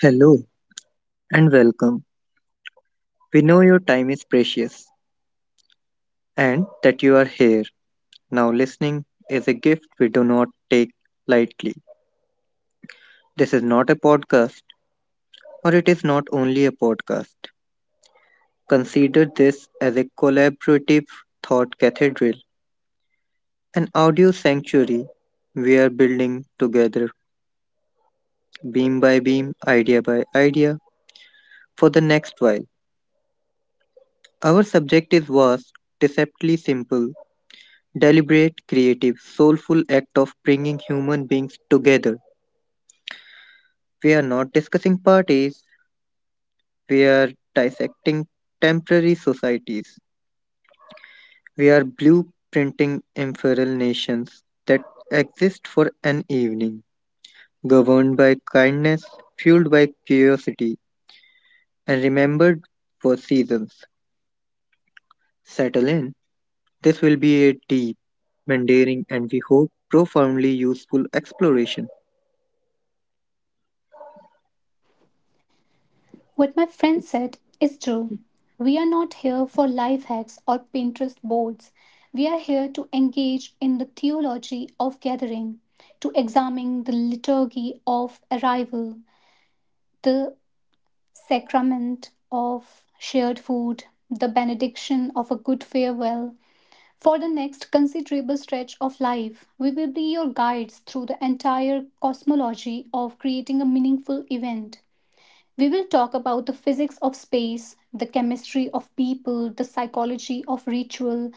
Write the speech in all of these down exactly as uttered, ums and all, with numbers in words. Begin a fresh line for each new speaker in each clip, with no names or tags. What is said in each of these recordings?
Hello and welcome. We know your time is precious and that you are here. Now, listening is a gift we do not take lightly. This is not a podcast, or it is not only a podcast. Consider this as a collaborative thought cathedral, an audio sanctuary we are building together, beam by beam, idea by idea, for the next while. Our subject is vast, deceptively simple, deliberate, creative, soulful act of bringing human beings together. We are not discussing parties, we are dissecting temporary societies. We are blueprinting ephemeral nations that exist for an evening, governed by kindness, fueled by curiosity, and remembered for seasons. Settle in. This will be a deep, endearing, and we hope profoundly useful exploration.
What my friend said is true. We are not here for life hacks or Pinterest boards. We are here to engage in the theology of gathering, to examine the liturgy of arrival, the sacrament of shared food, the benediction of a good farewell. For the next considerable stretch of life, we will be your guides through the entire cosmology of creating a meaningful event. We will talk about the physics of space, the chemistry of people, the psychology of ritual,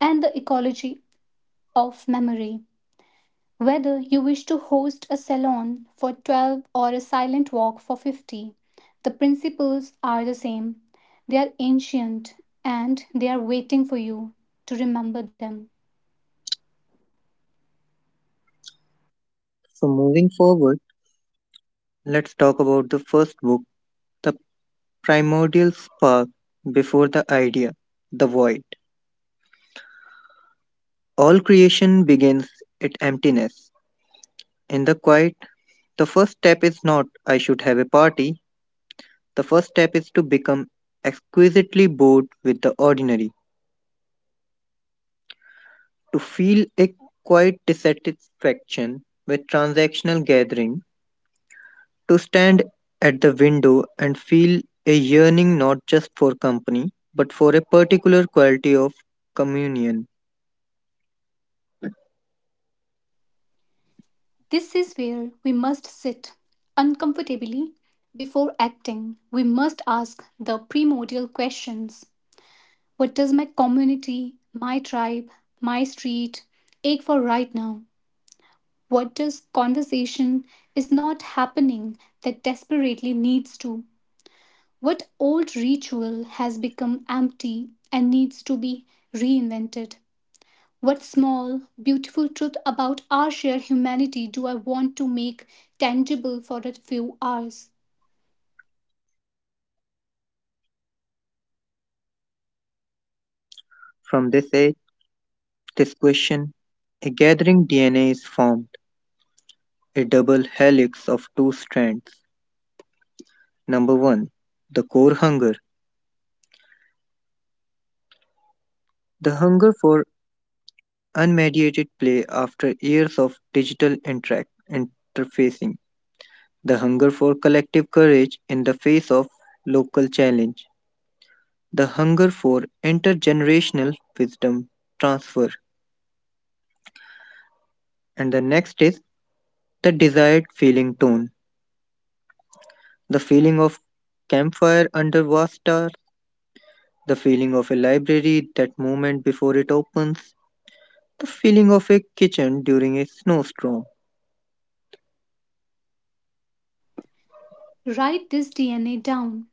and the ecology of memory. Whether you wish to host a salon for twelve or a silent walk for fifty, the principles are the same. They are ancient and they are waiting for you to remember them.
So, moving forward, let's talk about the first book, The Primordial Spark Before the Idea, The Void. All creation begins at emptiness. In the quiet, the first step is not, I should have a party. The first step is to become exquisitely bored with the ordinary, to feel a quiet dissatisfaction with transactional gathering, to stand at the window and feel a yearning not just for company, but for a particular quality of communion.
This is where we must sit uncomfortably before acting. We must ask the primordial questions: what does my community, my tribe, my street ache for right now? What does conversation is not happening that desperately needs to? What old ritual has become empty and needs to be reinvented? What small, beautiful truth about our shared humanity do I want to make tangible for a few hours?
From this age, this question, a gathering D N A is formed, a double helix of two strands. Number one: the core hunger. The hunger for unmediated play after years of digital interact- interfacing. The hunger for collective courage in the face of local challenge. The hunger for intergenerational wisdom transfer. And the next is the desired feeling tone. The feeling of campfire under vast star, the feeling of a library that moment before it opens, the feeling of a kitchen during a snowstorm.
Write this D N A down.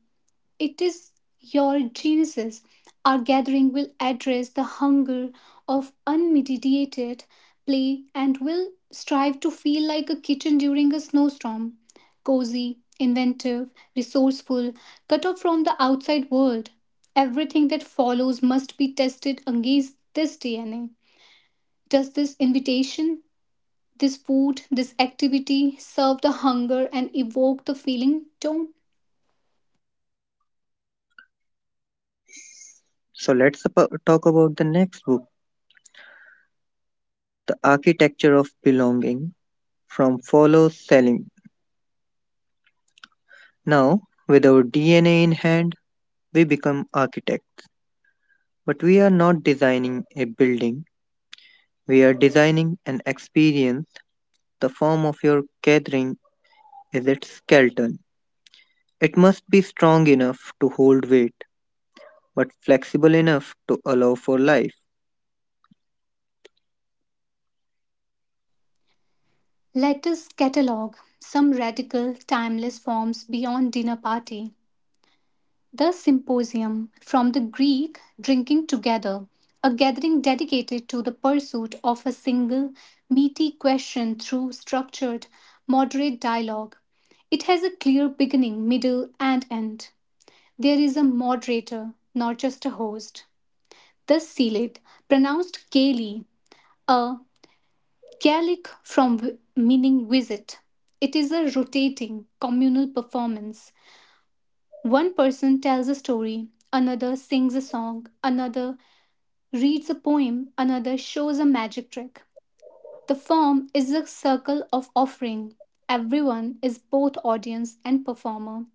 It is your geniuses. Our gathering will address the hunger of unmediated play and will strive to feel like a kitten during a snowstorm. Cozy, inventive, resourceful, cut off from the outside world. Everything that follows must be tested against this D N A. Does this invitation, this food, this activity serve the hunger and evoke the feeling? Don't.
So let's abo- talk about the next book, The Architecture of Belonging from Follow Selling. Now, with our D N A in hand, we become architects. But we are not designing a building, we are designing an experience. The form of your gathering is its skeleton. It must be strong enough to hold weight, but flexible enough to allow for life.
Let us catalogue some radical, timeless forms beyond dinner party. The symposium, from the Greek drinking together, a gathering dedicated to the pursuit of a single, meaty question through structured, moderate dialogue. It has a clear beginning, middle, and end. There is a moderator, not just a host. The Sealed, pronounced Kaylee, a Gaelic from w- meaning visit. It is a rotating communal performance. One person tells a story, another sings a song, another reads a poem, another shows a magic trick. The form is a circle of offering. Everyone is both audience and performer.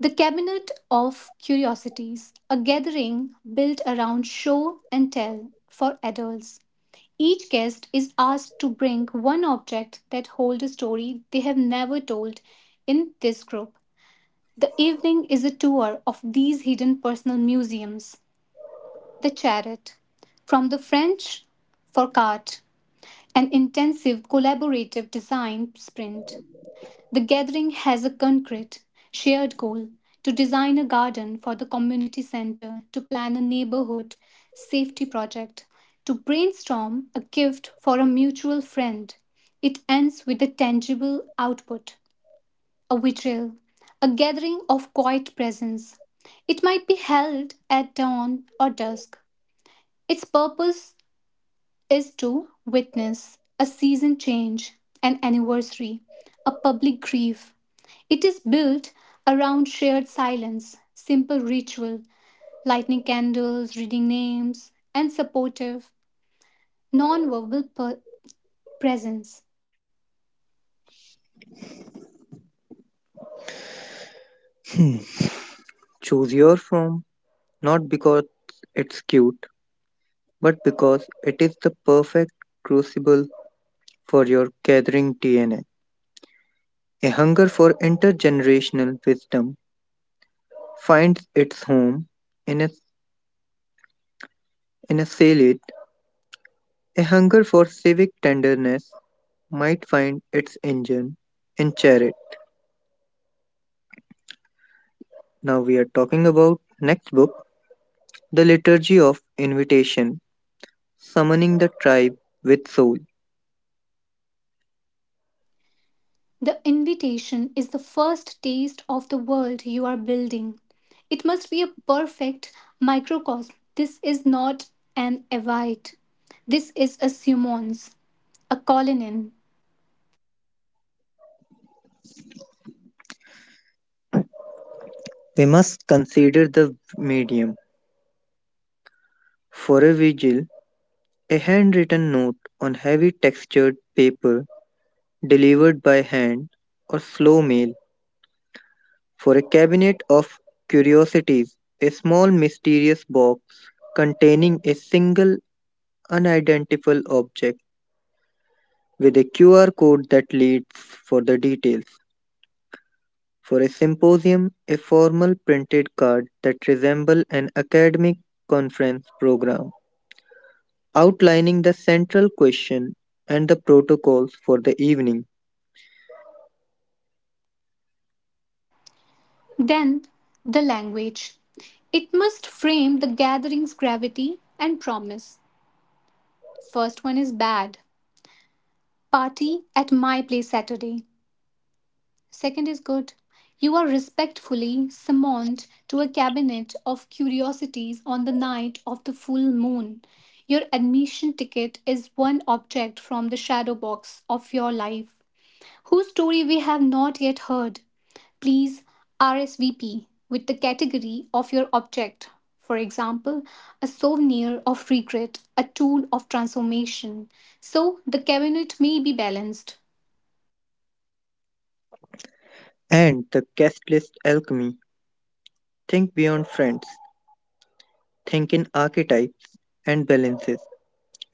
The Cabinet of Curiosities, a gathering built around show and tell for adults. Each guest is asked to bring one object that holds a story they have never told in this group. The evening is a tour of these hidden personal museums. The charrette, from the French for cart, an intensive collaborative design sprint. The gathering has a concrete, shared goal to design a garden for the community center, to plan a neighborhood safety project, to brainstorm a gift for a mutual friend. It ends with a tangible output, a vitriol, a gathering of quiet presence. It might be held at dawn or dusk. Its purpose is to witness a season change, an anniversary, a public grief. It is built around shared silence, simple ritual, lighting candles, reading names, and supportive, non-verbal per- presence.
Choose your form not because it's cute, but because it is the perfect crucible for your gathering D N A. A A hunger for intergenerational wisdom finds its home in a, in a salad. A hunger for civic tenderness might find its engine in charity. Now we are talking about next book, The Liturgy of Invitation, Summoning the Tribe with Soul.
The invitation is the first taste of the world you are building. It must be a perfect microcosm. This is not an evite. This is a summons, a calling in.
We must consider the medium. For a vigil, a handwritten note on heavy textured paper delivered by hand or slow mail; for a cabinet of curiosities, a small mysterious box containing a single unidentifiable object with a Q R code that leads for the details. For a symposium, a formal printed card that resembles an academic conference program outlining the central question and the protocols for the evening.
Then the language. It must frame the gathering's gravity and promise. First one is bad: party at my place Saturday. Second is good: you are respectfully summoned to a cabinet of curiosities on the night of the full moon. Your admission ticket is one object from the shadow box of your life whose story we have not yet heard. Please R S V P with the category of your object. For example, a souvenir of regret, a tool of transformation, so the cabinet may be balanced.
And the guest list alchemy. Think beyond friends, think in archetypes and balances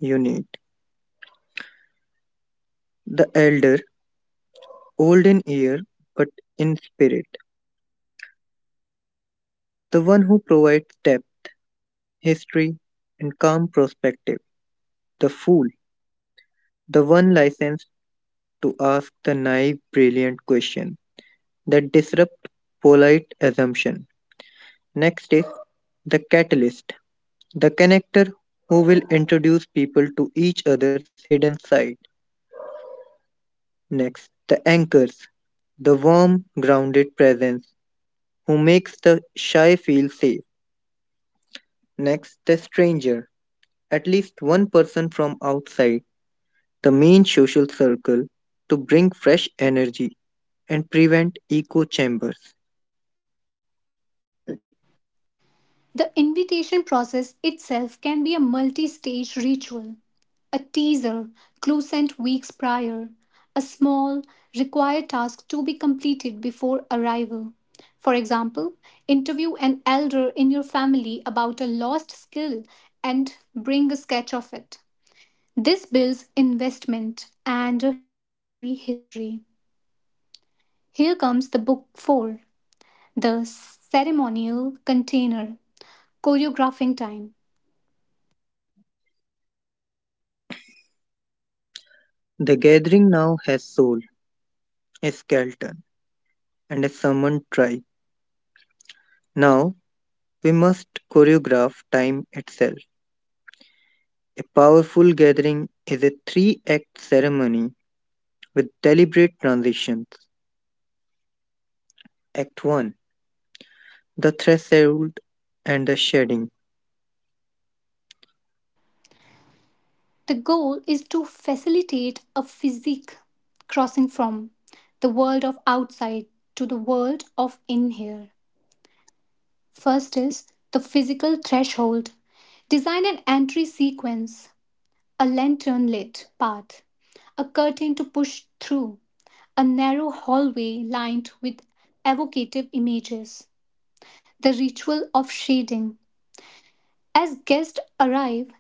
you need. The elder, old in year but in spirit, the one who provides depth, history, and calm perspective. The fool, the one licensed to ask the naive, brilliant question that disrupt polite assumption. Next is the catalyst, the connector who will introduce people to each other's hidden side. Next, the anchors, the warm, grounded presence who makes the shy feel safe. Next, the stranger, at least one person from outside the main social circle to bring fresh energy and prevent echo chambers.
The invitation process itself can be a multi stage ritual, a teaser, clue sent weeks prior, a small, required task to be completed before arrival. For example, interview an elder in your family about a lost skill and bring a sketch of it. This builds investment and a shared prehistory. Here comes the book four, The Ceremonial Container, Choreographing Time.
The gathering now has soul, a skeleton, and a summoned tribe. Now we must choreograph time itself. A powerful gathering is a three act ceremony with deliberate transitions. Act one: the threshold and the shedding.
The goal is to facilitate a physique crossing from the world of outside to the world of in here. First is the physical threshold. Design an entry sequence, a lantern lit path, a curtain to push through, a narrow hallway lined with evocative images, the ritual of shading. As guests arrive,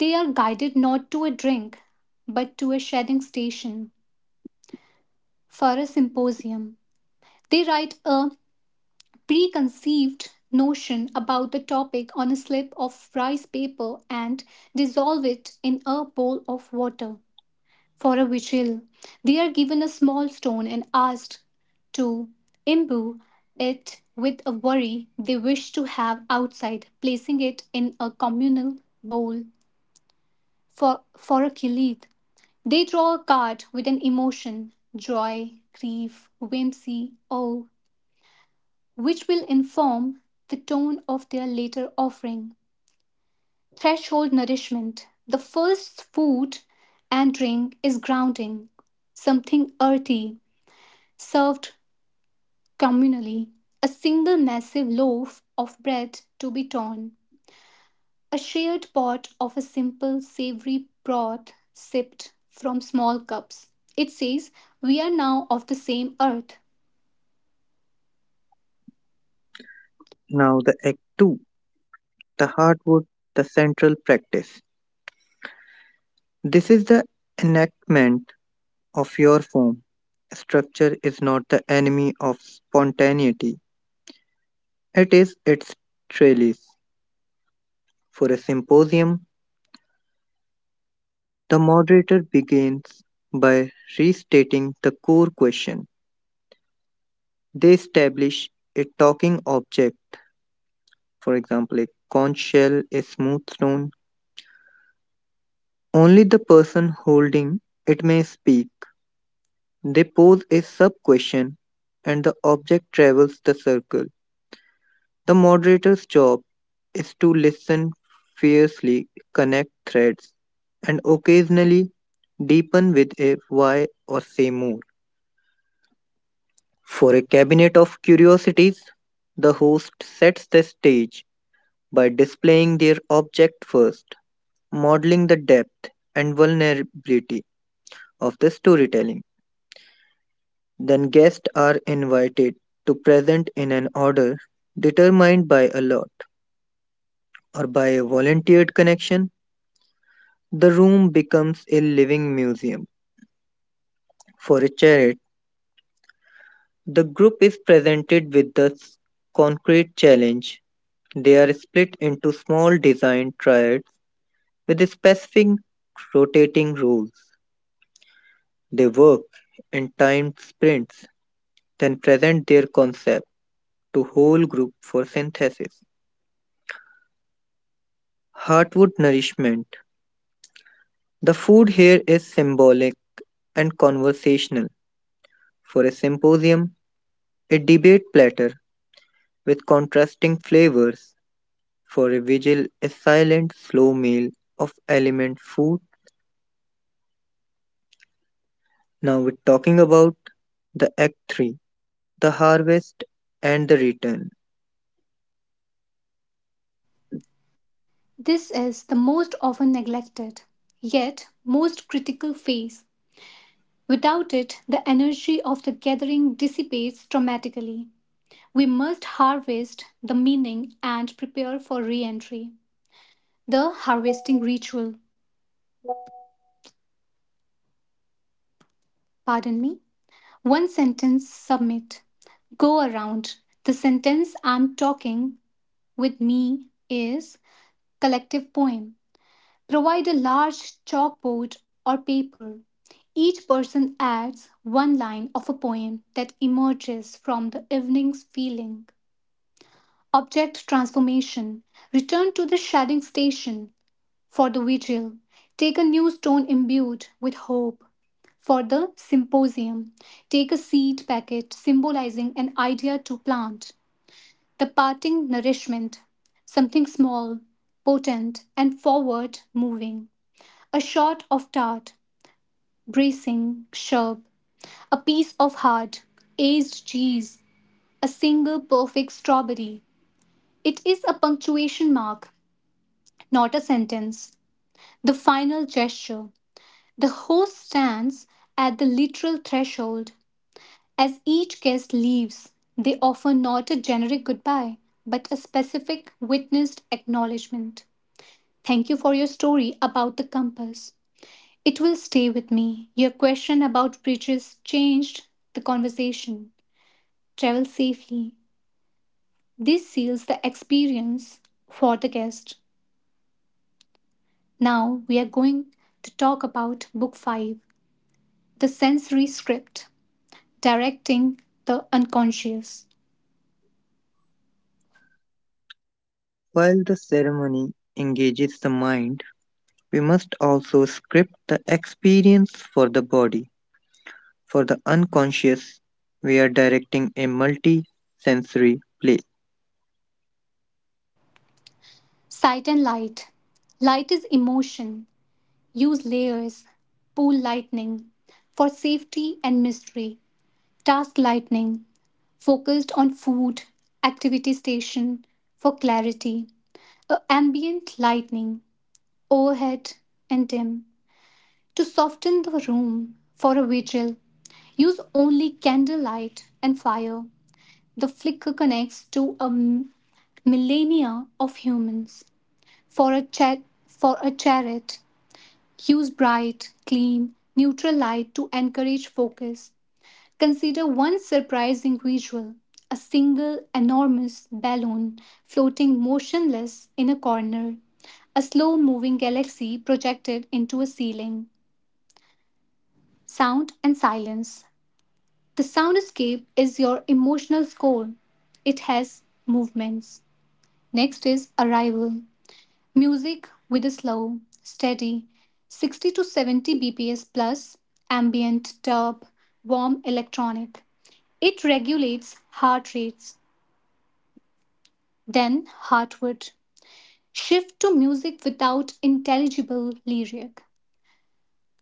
they are guided not to a drink, but to a shedding station. For a symposium, they write a preconceived notion about the topic on a slip of rice paper and dissolve it in a bowl of water. For a vigil, they are given a small stone and asked to imbue it with a worry they wish to have outside, placing it in a communal bowl. For, for a kilith. They draw a card with an emotion: joy, grief, whimsy, awe, which will inform the tone of their later offering. Threshold nourishment. The first food and drink is grounding, something earthy, served communally. A single massive loaf of bread to be torn, a shared pot of a simple savory broth sipped from small cups. It says, we are now of the same earth.
Now, the Act two: the hardwood, the central practice. This is the enactment of your form. Structure is not the enemy of spontaneity, it is its trellis. For a symposium, the moderator begins by restating the core question. They establish a talking object, for example, a conch shell, a smooth stone. Only the person holding it may speak. They pose a sub question and the object travels the circle. The moderator's job is to listen fiercely, connect threads, and occasionally deepen with a why or say more. For a cabinet of curiosities, the host sets the stage by displaying their object first, modeling the depth and vulnerability of the storytelling. Then guests are invited to present in an order determined by a lot or by a volunteered connection. The room becomes a living museum. For a charity, the group is presented with the s- concrete challenge. They are split into small design triads with specific rotating roles. They work in timed sprints, then present their concept to whole group for synthesis. Heartwood nourishment: the food here is symbolic and conversational. For a symposium, a debate platter with contrasting flavors. For a vigil, a silent, slow meal of element food. Now we're talking about the Act three, the harvest and the return.
This is the most often neglected, yet most critical phase. Without it, the energy of the gathering dissipates dramatically. We must harvest the meaning and prepare for re entry. The harvesting ritual, pardon me. One sentence submit. Go around. The sentence I'm talking with me is collective poem. Provide a large chalkboard or paper. Each person adds one line of a poem that emerges from the evening's feeling. Object transformation. Return to the shedding station. For the vigil, take a new stone imbued with hope. For the symposium, take a seed packet symbolizing an idea to plant. The parting nourishment. Something small, potent, and forward moving. A shot of dart, bracing, sharp. A piece of hard, aged cheese. A single perfect strawberry. It is a punctuation mark, not a sentence. The final gesture. The host stands at the literal threshold. As each guest leaves, they offer not a generic goodbye, but a specific witnessed acknowledgement. Thank you for your story about the compass. It will stay with me. Your question about bridges changed the conversation. Travel safely. This seals the experience for the guest. Now we are going to talk about book five, the sensory script, directing the unconscious.
While the ceremony engages the mind, we must also script the experience for the body. For the unconscious, we are directing a multi sensory play.
Sight and light. Light is emotion. Use layers. Pool lightning for safety and mystery. Task lightning focused on food, activity station for clarity. A ambient lightning overhead and dim to soften the room. For a vigil, use only candlelight and fire. The flicker connects to a m- millennia of humans. For a cha- for a chariot use bright clean neutral light to encourage focus. Consider one surprising visual, a single enormous balloon floating motionless in a corner, a slow moving galaxy projected into a ceiling. Sound and silence. The soundscape is your emotional score. It has movements. Next is arrival. Music with a slow, steady sixty to seventy bps plus ambient, dub, warm electronic. It regulates heart rates. Then heartwood. Shift to music without intelligible lyric.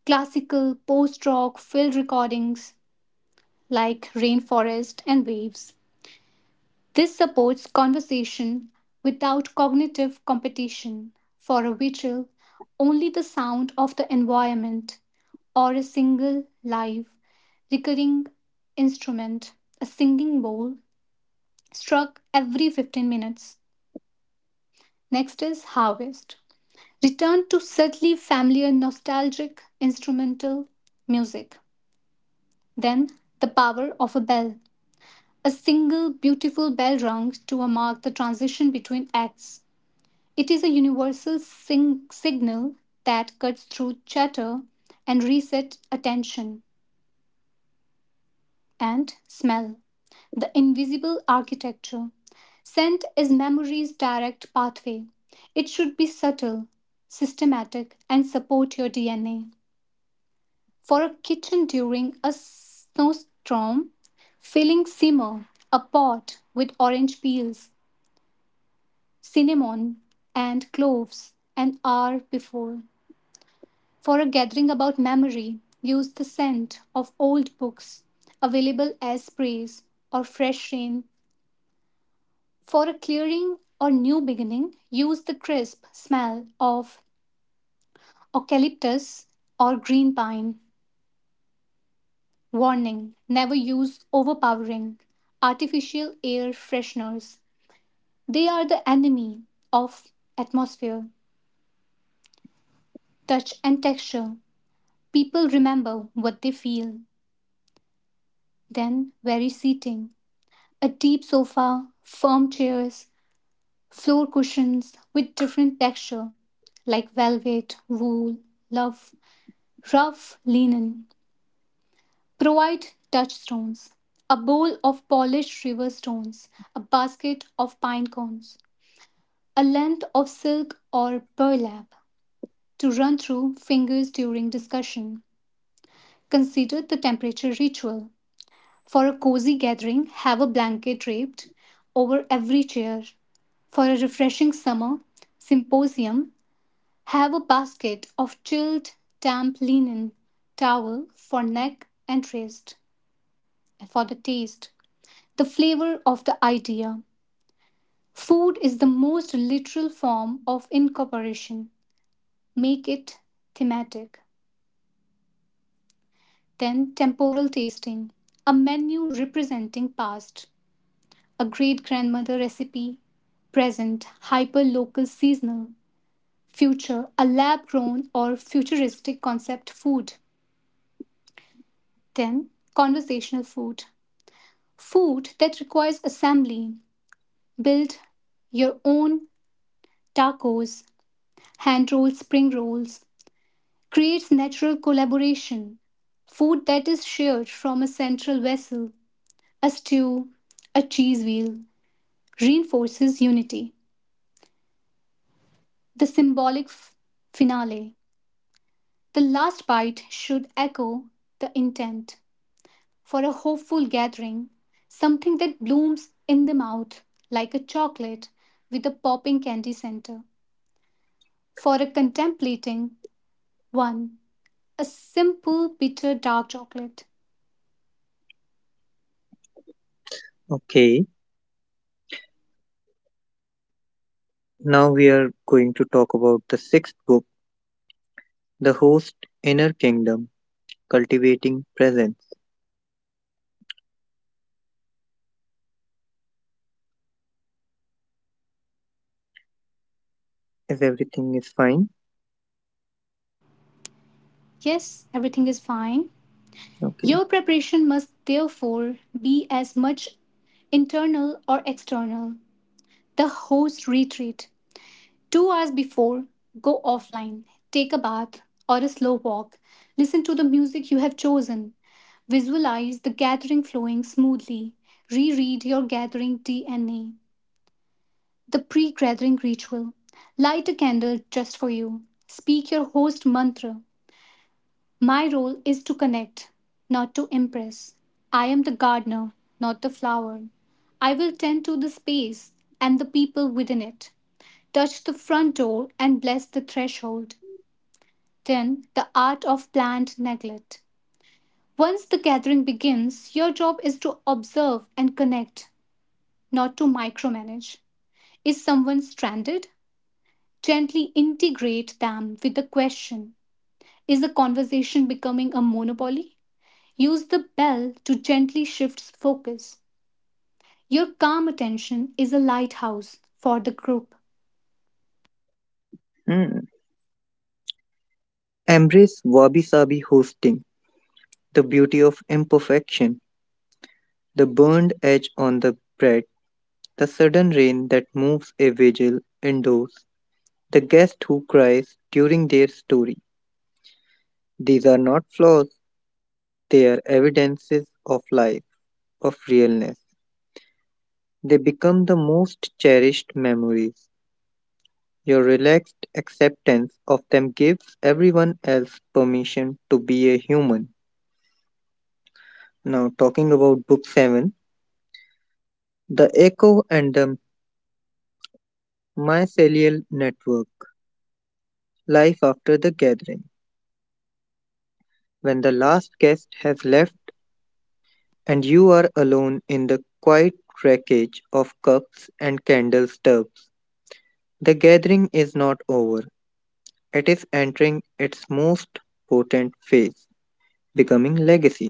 Classical, post rock, field recordings like Rainforest and Waves. This supports conversation without cognitive competition. For a vigil, only the sound of the environment or a single live recurring instrument, a singing bowl, struck every fifteen minutes. Next is harvest. Return to subtly familiar nostalgic instrumental music. Then the power of a bell. A single beautiful bell rung to mark the transition between acts. It is a universal sing- signal that cuts through chatter and resets attention. And smell. The invisible architecture. Scent is memory's direct pathway. It should be subtle, systematic, and support your D N A. For a kitchen during a snowstorm, filling simmer, a pot with orange peels, cinnamon, and cloves an hour before. For a gathering about memory, use the scent of old books available as sprays or fresh rain. For a clearing or new beginning, use the crisp smell of eucalyptus or green pine. Warning: never use overpowering artificial air fresheners. They are the enemy of atmosphere. Touch, and texture. People remember what they feel. Then vary seating. A deep sofa, firm chairs, floor cushions with different texture like velvet, wool, love, rough linen. Provide touchstones. A bowl of polished river stones. A basket of pine cones. A length of silk or burlap to run through fingers during discussion. Consider the temperature ritual. For a cozy gathering, have a blanket draped over every chair. For a refreshing summer symposium, have a basket of chilled, damp linen towel for neck and wrist. For the taste, the flavor of the idea. Food is the most literal form of incorporation. Make it thematic. Then, temporal tasting, a menu representing past, a great grandmother recipe; present, hyper local seasonal; future, a lab grown or futuristic concept food. Then, conversational food, food that requires assembly. Build your own tacos, hand rolled spring rolls, creates natural collaboration. Food that is shared from a central vessel, a stew, a cheese wheel, reinforces unity. The symbolic f- finale, the last bite should echo the intent. For a hopeful gathering, something that blooms in the mouth like a chocolate with a popping candy center. For a contemplating one, a simple bitter dark chocolate.
Okay, now we are going to talk about the sixth book, The Host Inner Kingdom Cultivating Presence. If everything is fine,
Yes, everything is fine.
okay.
Your preparation must therefore be as much internal or external. The host retreat. Two hours before, go offline, take a bath or a slow walk, listen to the music you have chosen, visualize the gathering flowing smoothly, reread your gathering D N A, the pre gathering ritual, light a candle just for you, speak your host mantra. My role is to connect, not to impress. I am the gardener, not the flower. I will tend to the space and the people within it, touch the front door and bless the threshold. Then, the art of planned neglect. Once the gathering begins, your job is to observe and connect, not to micromanage. Is someone stranded? Gently integrate them with the question. Is the conversation becoming a monopoly? Use the bell to gently shift focus. Your calm attention is a lighthouse for the group.
Hmm. Embrace wabi sabi hosting, the beauty of imperfection, the burned edge on the bread, the sudden rain that moves a vigil indoors, the guest who cries during their story. These are not flaws, they are evidences of life, of realness. They become the most cherished memories. Your relaxed acceptance of them gives everyone else permission to be a human. Now, talking about Book seven: The Echo and the Mycelial Network, Life After the Gathering. When the last guest has left and you are alone in the quiet wreckage of cups and candle stubs, the gathering is not over. It is entering its most potent phase, becoming legacy.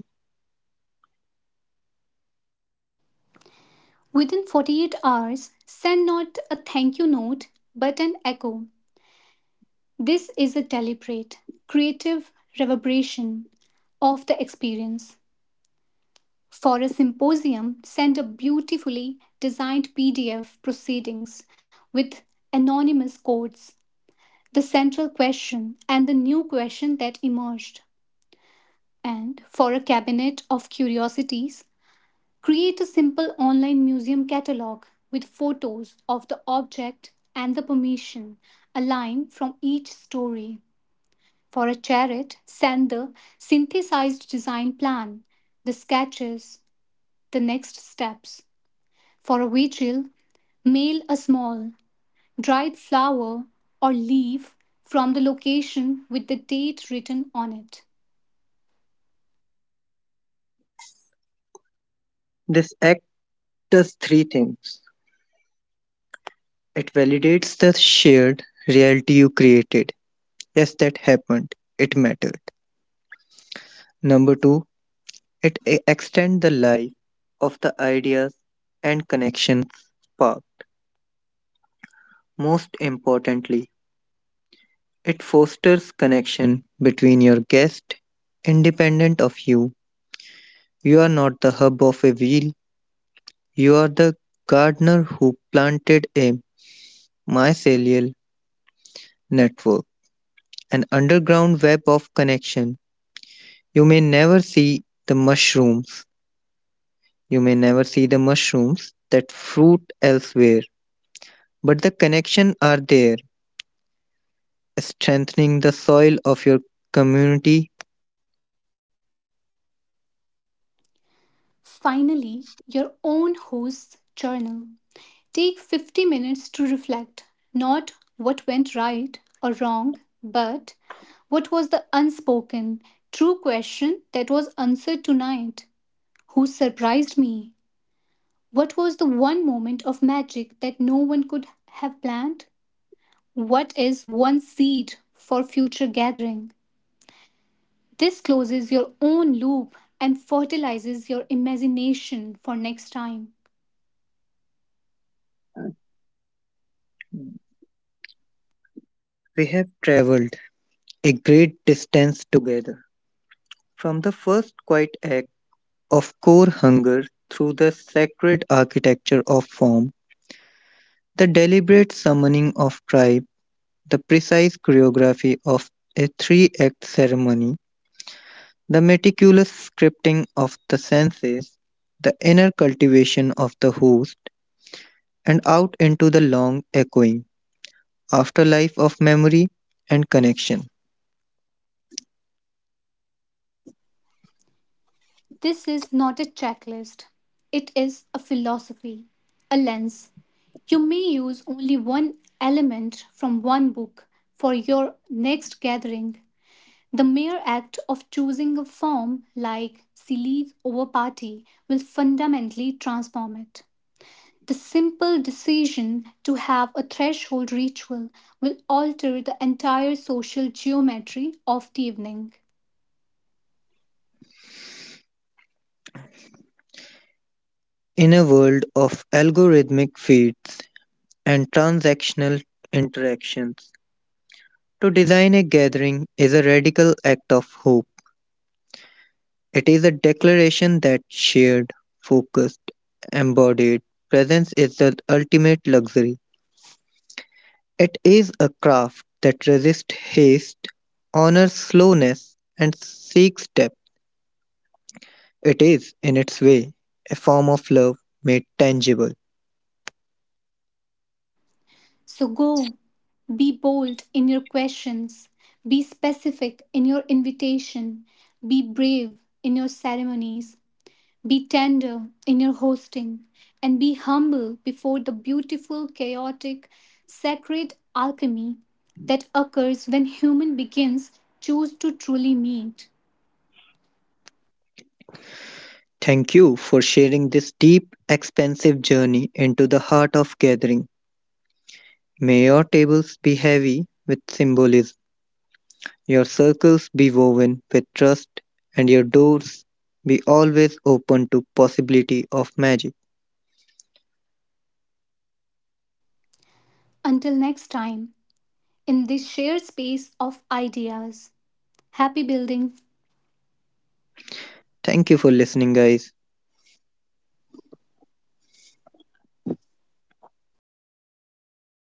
Within forty-eight hours, send not a thank you note but an echo. This is a deliberate, creative reverberation of the experience. For a symposium, send a beautifully designed P D F proceedings with anonymous codes, the central question, and the new question that emerged. And for a cabinet of curiosities, create a simple online museum catalog with photos of the object and the permission, a line from each story. For a chariot, send the synthesized design plan, the sketches, the next steps. For a vigil, mail a small, dried flower or leaf from the location with the date written on it.
This act does three things. It validates the shared reality you created. Yes, that happened. It mattered. Number two, it e- extends the life of the ideas and connections spark. Most importantly, it fosters connection between your guest, independent of you. You are not the hub of a wheel, you are the gardener who planted a mycelial network, an underground web of connection. You may never see the mushrooms, you may never see the mushrooms that fruit elsewhere, but the connection are there, strengthening the soil of your community.
Finally, your own host's journal. Take fifty minutes to reflect not what went right or wrong, but what was the unspoken, true question that was answered tonight? Who surprised me? What was the one moment of magic that no one could have planned? What is one seed for future gathering? This closes your own loop and fertilizes your imagination for next time.
We have traveled a great distance together. From the first quiet act of core hunger, through the sacred architecture of form, the deliberate summoning of tribe, the precise choreography of a three act ceremony, the meticulous scripting of the senses, the inner cultivation of the host, and out into the long echoing afterlife of memory and connection.
This is not a checklist, it is a philosophy, a lens. You may use only one element from one book for your next gathering. The mere act of choosing a form like Silly over Party will fundamentally transform it. The simple decision to have a threshold ritual will alter the entire social geometry of the evening.
In a world of algorithmic feeds and transactional interactions, to design a gathering is a radical act of hope. It is a declaration that shared, focused, embodied presence is the ultimate luxury. It is a craft that resists haste, honors slowness, and seeks depth. It is, in its way, a form of love made tangible.
So go. Be bold in your questions. Be specific in your invitation. Be brave in your ceremonies. Be tender in your hosting. And be humble before the beautiful, chaotic, sacred alchemy that occurs when human begins choose to truly meet.
Thank you for sharing this deep, expansive journey into the heart of gathering. May your tables be heavy with symbolism. Your circles be woven with trust and your doors be always open to possibility of magic.
Until next time, in this shared space of ideas. Happy building.
Thank you for listening guys.